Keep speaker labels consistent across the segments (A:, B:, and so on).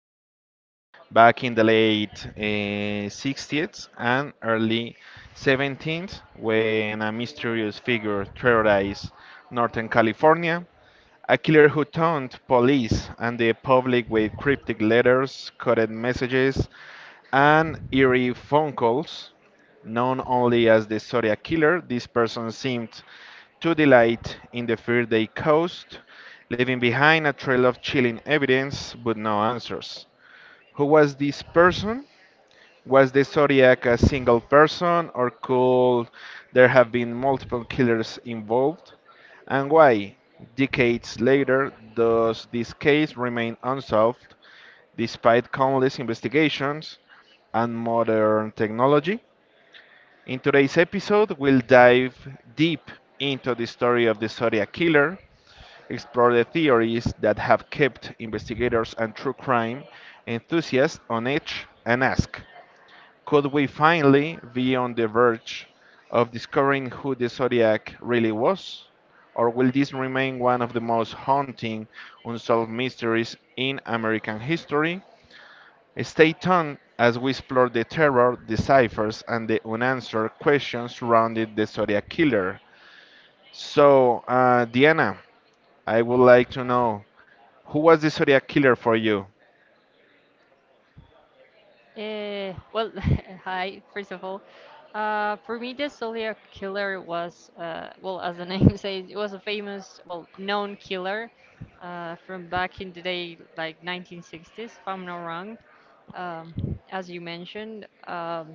A: time back in the late 60s and early 17th when a mysterious figure terrorized Northern California. A killer who taunted police and the public with cryptic letters, coded messages, and eerie phone calls. Known only as the Zodiac Killer, this person seemed to delight in the fear they caused, leaving behind a trail of chilling evidence but no answers. Who was this person? Was the Zodiac a single person, or could there have been multiple killers involved? And why, decades later, does this case remain unsolved? Despite countless investigations and modern technology, in today's episode, we'll dive deep into the story of the Zodiac Killer, explore the theories that have kept investigators and true crime enthusiasts on edge, and ask, could we finally be on the verge of discovering who the Zodiac really was? Or will this remain one of the most haunting unsolved mysteries in American history? Stay tuned as we explore the terror, the ciphers, and the unanswered questions surrounding the Zodiac Killer. So, Diana, I would like to know, who was the Zodiac Killer for you?
B: Uh, well, hi, first of all. For me, the Zodiac Killer was, as the name says, it was a famous, well, known killer from back in the day, like 1960s, if I'm not wrong, as you mentioned.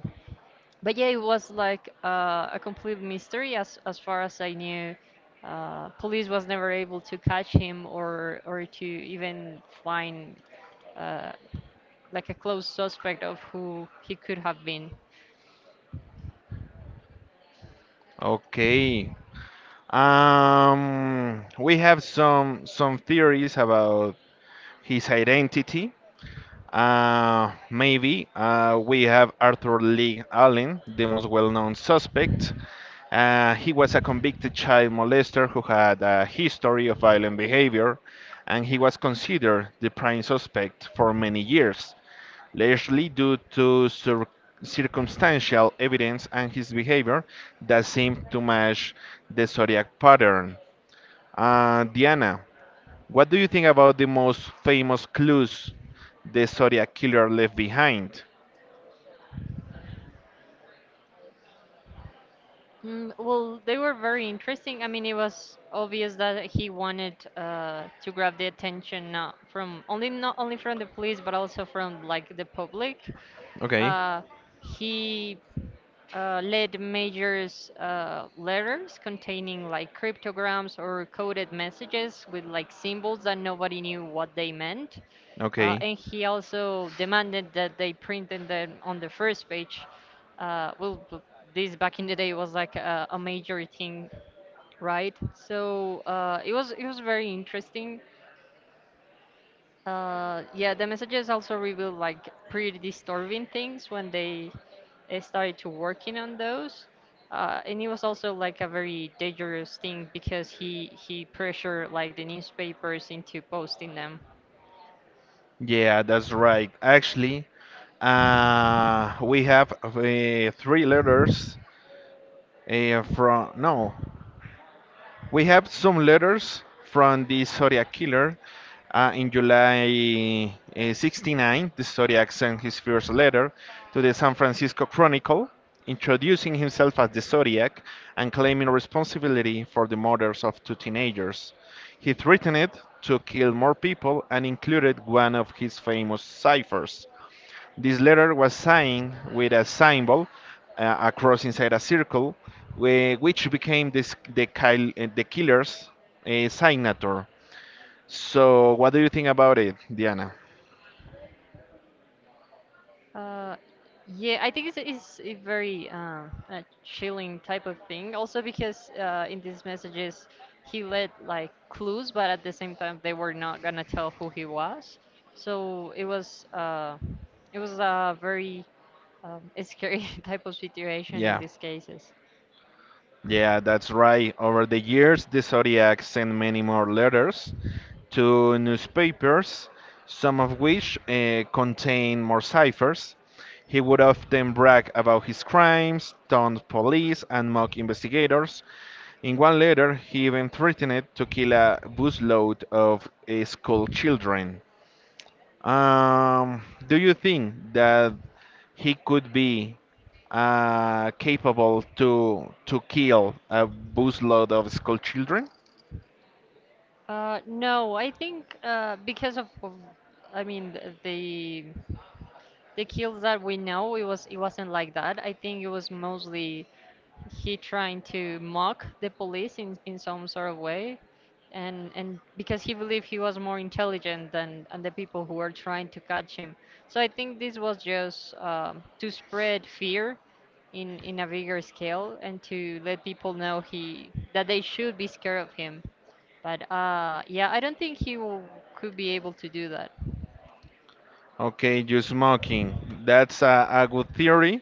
B: But yeah, it was like a complete mystery as far as I knew. Police was never able to catch him or to even find. uh, like a close suspect of who he could have been.
A: Okay. We have some theories about his identity. Maybe we have Arthur Lee Allen, the most well-known suspect. He was a convicted child molester who had a history of violent behavior, and he was considered the prime suspect for many years, largely due to circumstantial evidence and his behavior that seemed to match the zodiac pattern. Diana, what do you think about the most famous clues the Zodiac killer left behind?
B: Mm, well, they were very interesting. I mean, it was obvious that he wanted to grab the attention not only from the police, but also from like the public.
A: Okay,
B: Uh, he lead majors letters containing like cryptograms or coded messages with like symbols that nobody knew what they meant.
A: okay.
B: And he also demanded that they printed them on the first page. Uh, well, b- this back in the day was like a major thing, right? So it was very interesting. Yeah, the messages also reveal like pretty disturbing things when they started to working on those. And it was also like a very dangerous thing because he pressured like the newspapers into posting them.
A: Yeah, that's right. Actually, we have three letters from no, we have some letters from the Zodiac killer. In July 69, the Zodiac sent his first letter to the San Francisco Chronicle, introducing himself as the Zodiac and claiming responsibility for the murders of two teenagers. He threatened to kill more people and included one of his famous ciphers. This letter was signed with a symbol, a cross inside a circle, which became the killer's signature. So, what do you think about it, Diana?
B: Uh, yeah, I think it's a very chilling type of thing. Also because in these messages he let like clues, but at the same time they were not gonna tell who he was. So it was a very scary type of situation in
A: Yeah,
B: these cases.
A: yeah, that's right. Over the years, the Zodiac sent many more letters to newspapers, some of which contain more ciphers. He would often brag about his crimes, taunt police, and mock investigators. In one letter, he even threatened to kill a busload of school children. Um, do you think that he could be capable to kill a busload of school children?
B: No, I think because of I mean the kills that we know, it was it wasn't like that. I think it was mostly he trying to mock the police in some sort of way and because he believed he was more intelligent than and the people who were trying to catch him, so I think this was just to spread fear in a bigger scale and to let people know he that they should be scared of him, but yeah I don't think he will, could be able to do that.
A: Okay, you smoking. That's a good theory.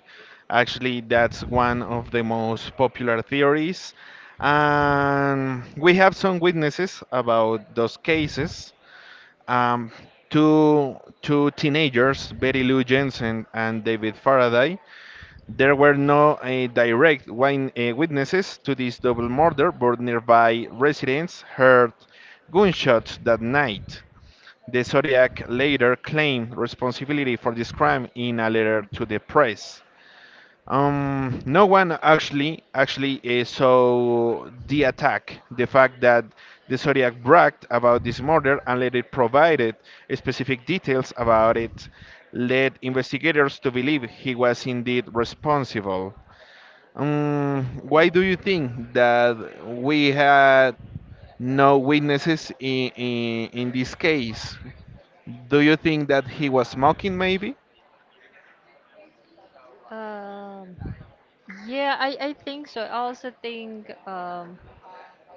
A: Actually, that's one of the most popular theories. And we have some witnesses about those cases. Um, two teenagers, Betty Lou Jensen and David Faraday. There were no direct witnesses to this double murder, but nearby residents heard gunshots that night. The Zodiac later claimed responsibility for this crime in a letter to the press. No one actually saw the attack. The fact that the Zodiac bragged about this murder and later provided specific details about it led investigators to believe he was indeed responsible. Why do you think that we had no witnesses in this case? Do you think that he was mocking, maybe?
B: Um yeah i i think so. I also think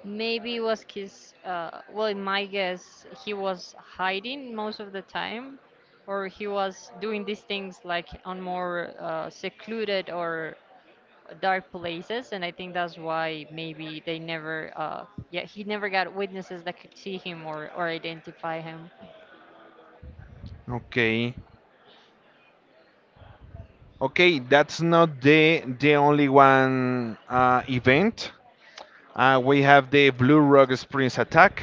B: maybe it was his, in my guess, he was hiding most of the time, or he was doing these things like on more secluded or dark places, and I think that's why maybe they never, yeah, he never got witnesses that could see him or identify him.
A: Okay. Okay, that's not the only one event. We have the Blue Rock Springs attack,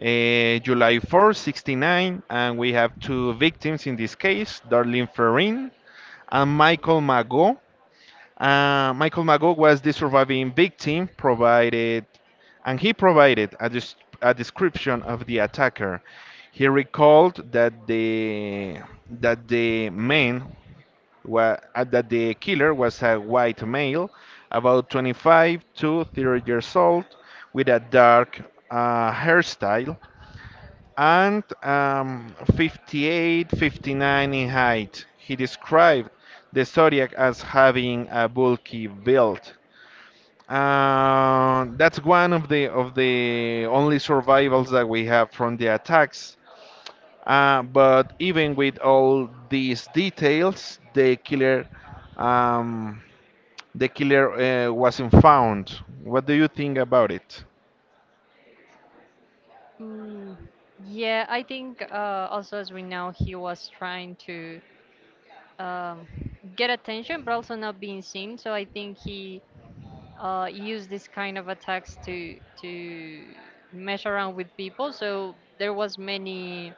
A: July 4, 69, and we have two victims in this case, Darlene Ferrin and Michael Mago. Michael Mago was the surviving victim, provided, and he provided a, a description of the attacker. He recalled that the man wa- that the killer was a white male, about 25 to 30 years old, with a dark hairstyle, and 58 59 in height. He described the Zodiac as having a bulky build. That's one of the only survivals that we have from the attacks. But even with all these details, um, the killer wasn't found. What do you think about it?
B: Mm, yeah, I think also as we know, he was trying to um, get attention, but also not being seen. So I think he use this kind of attacks to mess around with people. So there was many,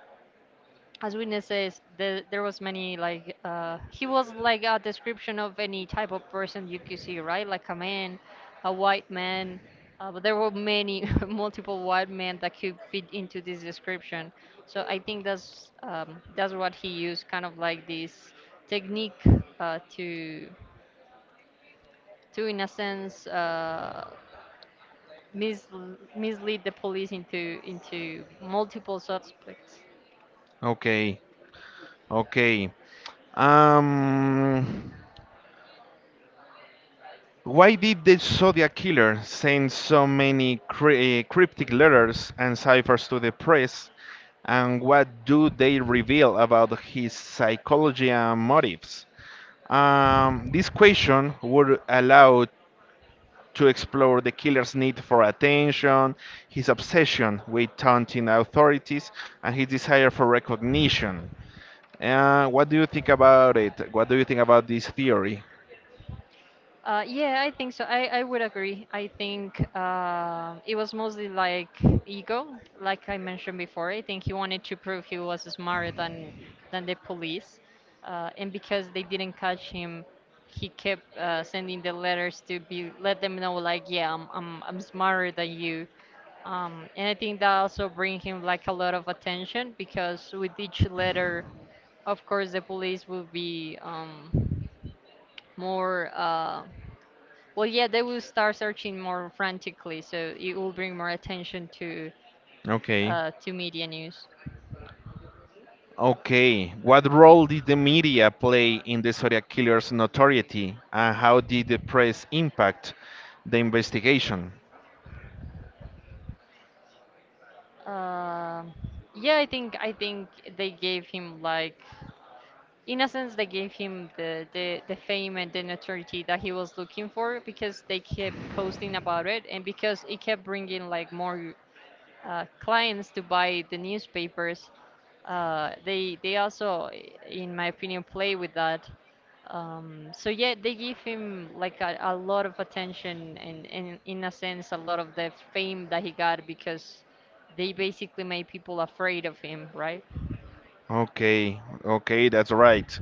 B: as witnesses, says, there was many like he was like a description of any type of person you could see, right? Like a man, a white man. But there were many multiple white men that could fit into this description. So I think that's what he used, kind of like this technique uh, to to in a sense. Mislead the police into multiple suspects.
A: Okay, okay. Um, why did the Zodiac killer send so many cryptic letters and ciphers to the press? And what do they reveal about his psychology and motives? This question would allow to explore the killer's need for attention, his obsession with taunting authorities, and his desire for recognition. What do you think about it? What do you think about this theory?
B: Yeah, I think so. I would agree. I think it was mostly like ego, like I mentioned before. I think he wanted to prove he was smarter than the police, and because they didn't catch him, he kept sending the letters to be let them know like, yeah, I'm smarter than you. And I think that also bring him like a lot of attention because with each letter, of course, the police will be more. Yeah, they will start searching more frantically, so it will bring more attention
A: Okay.
B: to media news.
A: Okay. What role did the media play in the Zodiac killer's notoriety, and how did the press impact the investigation?
B: Um yeah, I think they gave him like, in a sense, they gave him the fame and the notoriety that he was looking for because they kept posting about it and because it kept bringing like more clients to buy the newspapers, they also, in my opinion, play with that. So yeah, they give him like a lot of attention and in a sense a lot of the fame that he got because they basically made people afraid of him, right?
A: Okay, okay, that's right.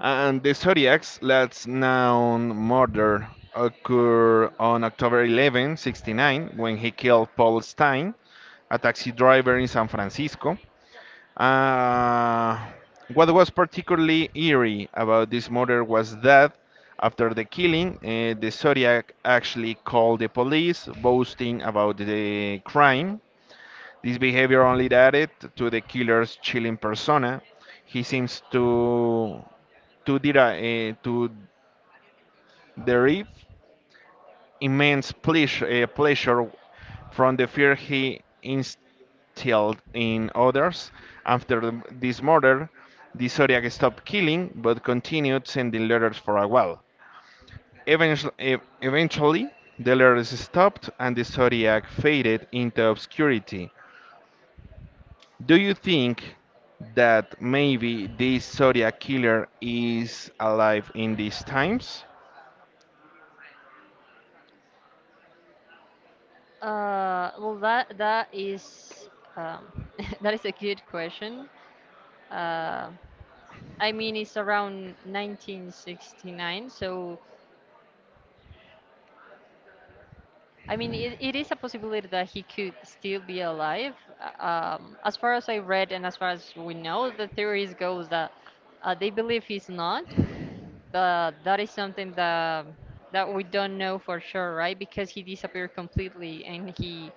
A: And the Zodiac's last known murder occurred on October 11, 69, when he killed Paul Stein, a taxi driver in San Francisco. Uh, what was particularly eerie about this murder was that after the killing, the Zodiac actually called the police, boasting about the crime. This behavior only added to the killer's chilling persona. He seems to derive immense pleasure from the fear he instilled in others. After this murder, the Zodiac stopped killing but continued sending letters for a while. Eventually the letters stopped and the Zodiac faded into obscurity. Do you think that maybe this Zodiac killer is alive in these times?
B: That is um, that is a good question. Uh, I mean, it's around 1969, so I mean, it is a possibility that he could still be alive. As far as I read and as far as we know, the theories goes that they believe he's not, but that is something that we don't know for sure, right? Because he disappeared completely and he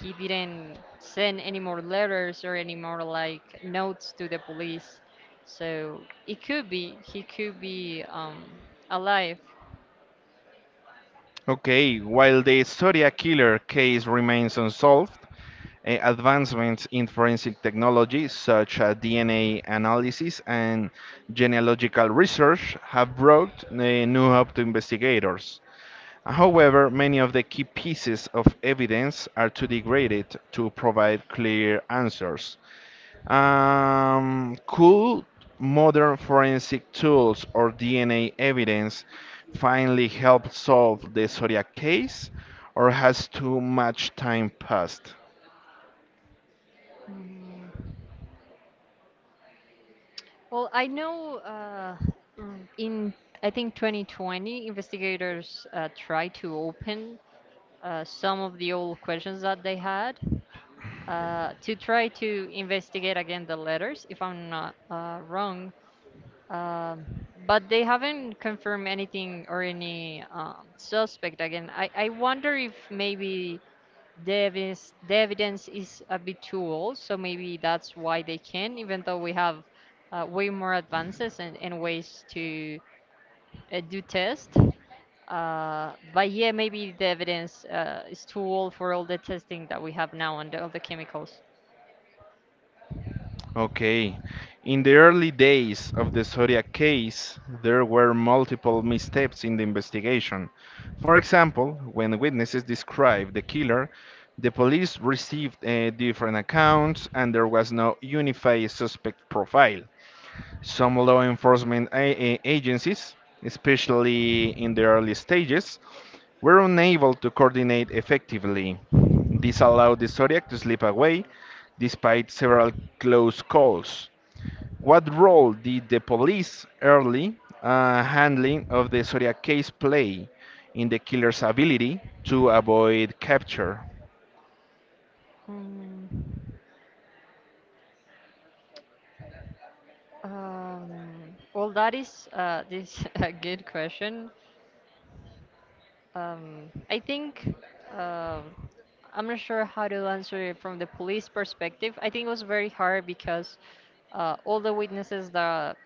B: he didn't send any more letters or any more like notes to the police. So it could be he could be alive.
A: Okay, while the Zodiac killer case remains unsolved, advancements in forensic technology such as DNA analysis and genealogical research have brought new hope to investigators. However, many of the key pieces of evidence are too degraded to provide clear answers. Could modern forensic tools or DNA evidence finally help solve the Zodiac case, or has too much time passed?
B: Mm. Well, I know mm, in I think 2020, investigators tried to open some of the old questions that they had to try to investigate again the letters, if I'm not wrong. Um, but they haven't confirmed anything or any suspect again. I wonder if maybe the evidence is a bit too old, so maybe that's why they can, even though we have way more advances and ways to do tests. But yeah, maybe the evidence is too old for all the testing that we have now on the, all the chemicals.
A: Okay. In the early days of the Zodiac case, there were multiple missteps in the investigation. For example, when witnesses described the killer, the police received different accounts and there was no unified suspect profile. Some law enforcement agencies, especially in the early stages, were unable to coordinate effectively. This allowed the Zodiac to slip away despite several close calls. What role did the police early handling of the Zodiac case play in the killer's ability to avoid capture?
B: Hmm. Um, that is this a good question. I think um, I'm not sure how to answer it from the police perspective. I think it was very hard because all the witnesses that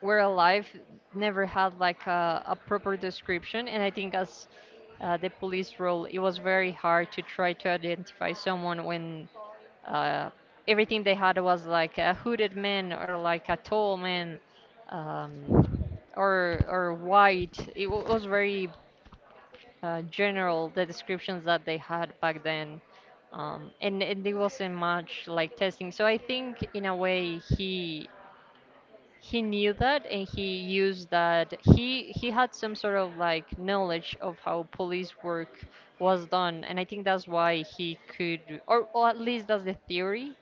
B: were alive never had like a proper description, and I think as the police role, it was very hard to try to identify someone when uh, everything they had was like a hooded man or like a tall man, um, or white. Was very general the descriptions that they had back then, and it wasn't much like testing, so I think in a way he knew that and he used that he had some sort of like knowledge of how police work was done, and I think that's why he could, or at least that's the theory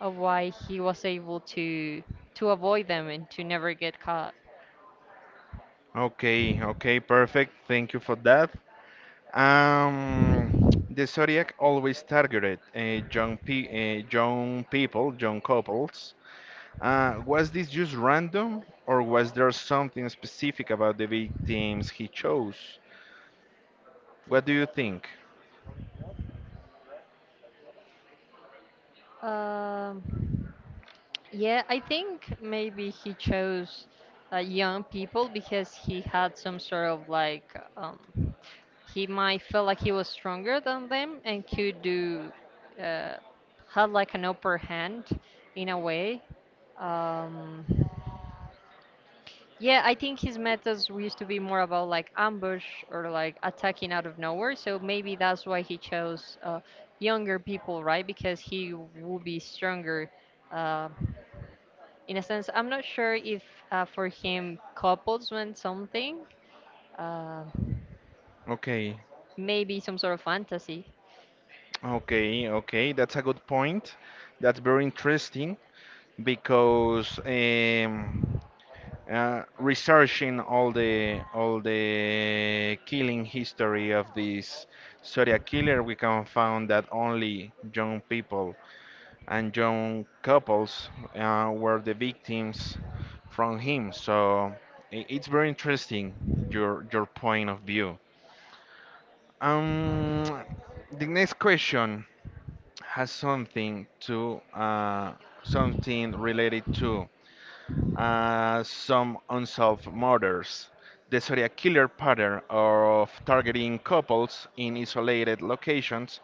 B: of why he was able to avoid them and to never get caught.
A: Okay, okay, perfect. Thank you for that. Um, the Zodiac always targeted young people, young couples. Was this just random, or was there something specific about the victims he chose? What do you think?
B: um Yeah, I think maybe he chose young people because he had some sort of like he might feel like he was stronger than them and could do uh, had like an upper hand in a way. Um, yeah, I think his methods used to be more about like ambush or like attacking out of nowhere. So maybe that's why he chose younger people, right? Because he would be stronger. Uh, in a sense I'm not sure if for him couples meant something uh,
A: Okay,
B: maybe some sort of fantasy.
A: okay, okay. That's a good point. That's very interesting because researching all the killing history of this Zodiac killer, we can found that only young people and young couples were the victims from him. So it's very interesting your point of view. Um, the next question has something related to some unsolved murders. The serial killer pattern of targeting couples in isolated locations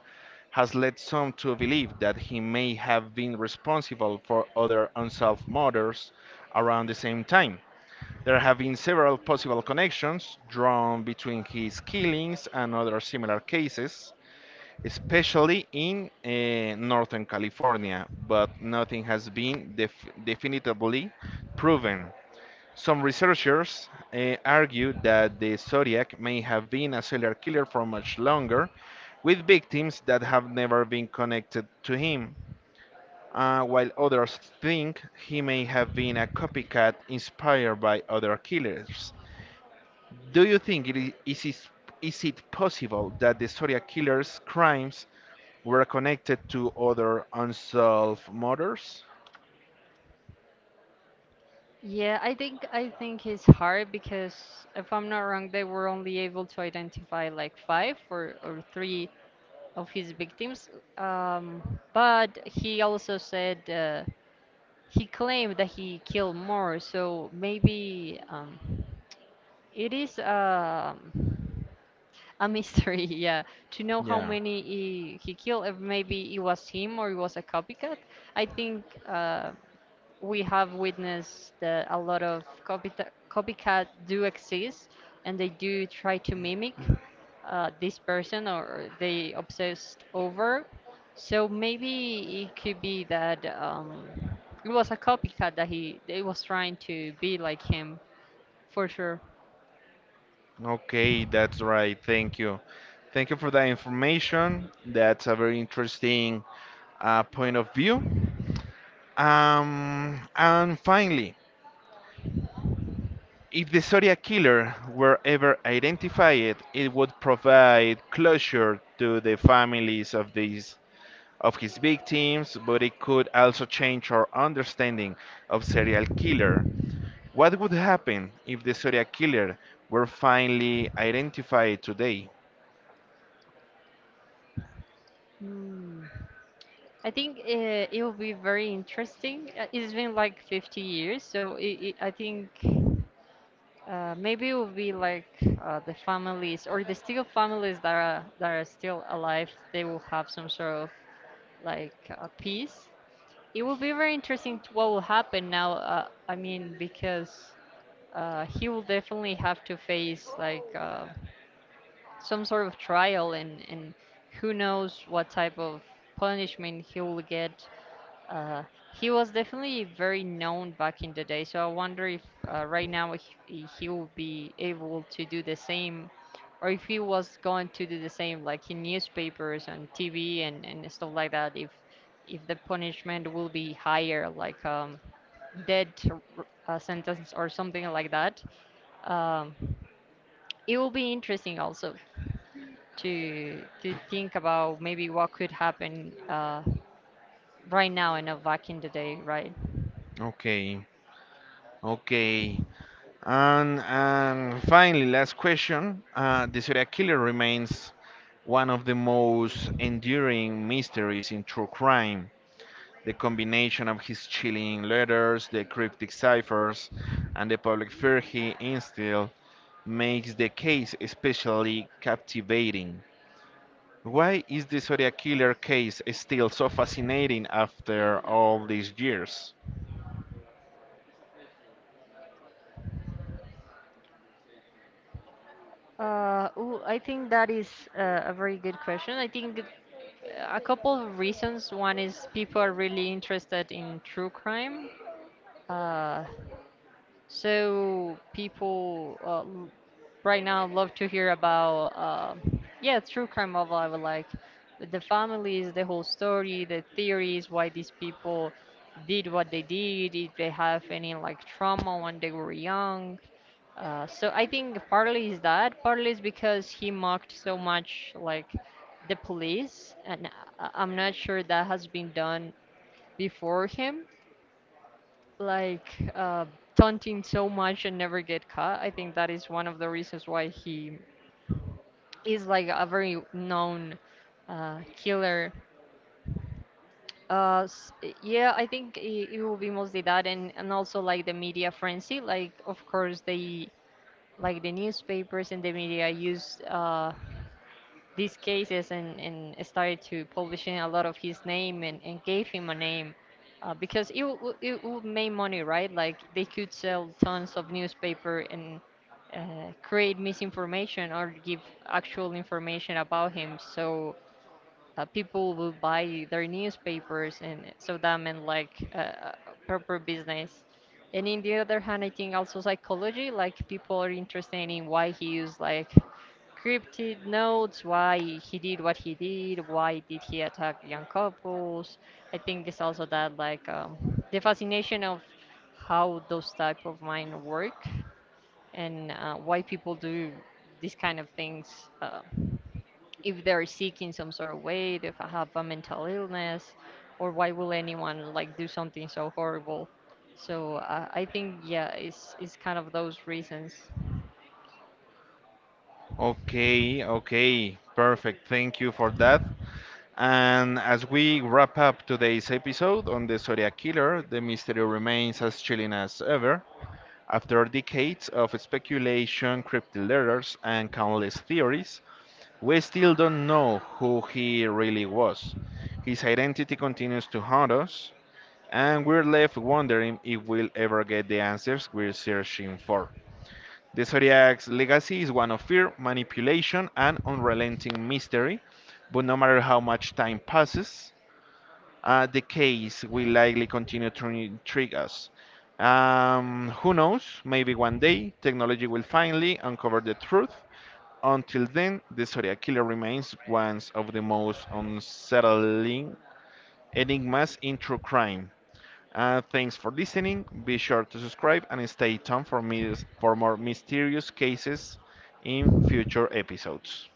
A: has led some to believe that he may have been responsible for other unsolved murders around the same time. There have been several possible connections drawn between his killings and other similar cases, especially in Northern California, but nothing has been definitively proven. Some researchers argue that the Zodiac may have been a serial killer for much longer, with victims that have never been connected to him, while others think he may have been a copycat inspired by other killers. Do you think it is it possible that the Zodiac killer's crimes were connected to other unsolved murders?
B: Yeah, I think it's hard because if I'm not wrong they were only able to identify like five, or three of his victims, um, but he also said he claimed that he killed more, so maybe it is a mystery, yeah. To know how
A: Yeah.
B: many he killed, if maybe it was him or it was a copycat. I think we have witnessed that a lot of copycat do exist and they do try to mimic this person or they obsessed over. So maybe it could be that it was a copycat that he they was trying to be like him for sure.
A: Okay, that's right. Thank you. Thank you for that information. That's a very interesting point of view. And finally, if the Zodiac killer were ever identified, it would provide closure to the families of these of his victims, but it could also change our understanding of serial killer. What would happen if the Zodiac killer were finally identified today?
B: Hmm. I think it will be very interesting. It's been like 50 years, so I think maybe it will be like the families or the still families that are still alive. They will have some sort of like peace. It will be very interesting to what will happen now. I mean, because he will definitely have to face like some sort of trial and who knows what type of punishment he will get. uh, he was definitely very known back in the day, so I wonder if right now, he will be able to do the same, or if he was going to do the same, like in newspapers and TV and stuff like that. If the punishment will be higher, like death sentence or something like that, um, it will be interesting also to think about maybe what could happen. Right now and not back in the day, right?
A: Okay. Okay. And finally, last question. The serial killer remains one of the most enduring mysteries in true crime. The combination of his chilling letters, the cryptic ciphers, and the public fear he instilled makes the case especially captivating. Why is the Zodiac killer case still so fascinating after all these years?
B: I think that is a very good question. A couple of reasons. One is people are really interested in true crime. Uh, so people right now love to hear about, yeah, true crime novel. I would like the families, the whole story, the theories, why these people did what they did, if they have any like trauma when they were young. So I think partly is that, partly is because he mocked so much like the police, and I'm not sure that has been done before him, like taunting so much and never get caught. I think that is one of the reasons why he is like a very known killer. Uh, s- yeah, I think it will be mostly that, and also like the media frenzy. Like, of course, they like the newspapers and the media use these cases and started to publishing a lot of his name and gave him a name because it would make money, right? Like they could sell tons of newspaper and create misinformation or give actual information about him, so people will buy their newspapers, and so that meant like proper business, and in the other hand I think also psychology, like people are interested in why he used like cryptid notes, why he did what he did, why did he attack young couples. I think it's also that like the fascination of how those type of mind work and why people do these kind of things. If they're sick in some sort of way, if I have a mental illness, or why will anyone like do something so horrible? So I think yeah, it's kind of those reasons.
A: Okay, okay, perfect. Thank you for that. And as we wrap up today's episode on the Zodiac Killer, the mystery remains as chilling as ever. After decades of speculation, cryptic letters, and countless theories, we still don't know who he really was. His identity continues to haunt us, and we're left wondering if we'll ever get the answers we're searching for. The Zodiac's legacy is one of fear, manipulation, and unrelenting mystery, but no matter how much time passes, the case will likely continue to intrigue us. Who knows? Maybe one day technology will finally uncover the truth. Until then, the Zodiac Killer remains one of the most unsettling enigmas in true crime. Thanks for listening. Be sure to subscribe and stay tuned for, for more mysterious cases in future episodes.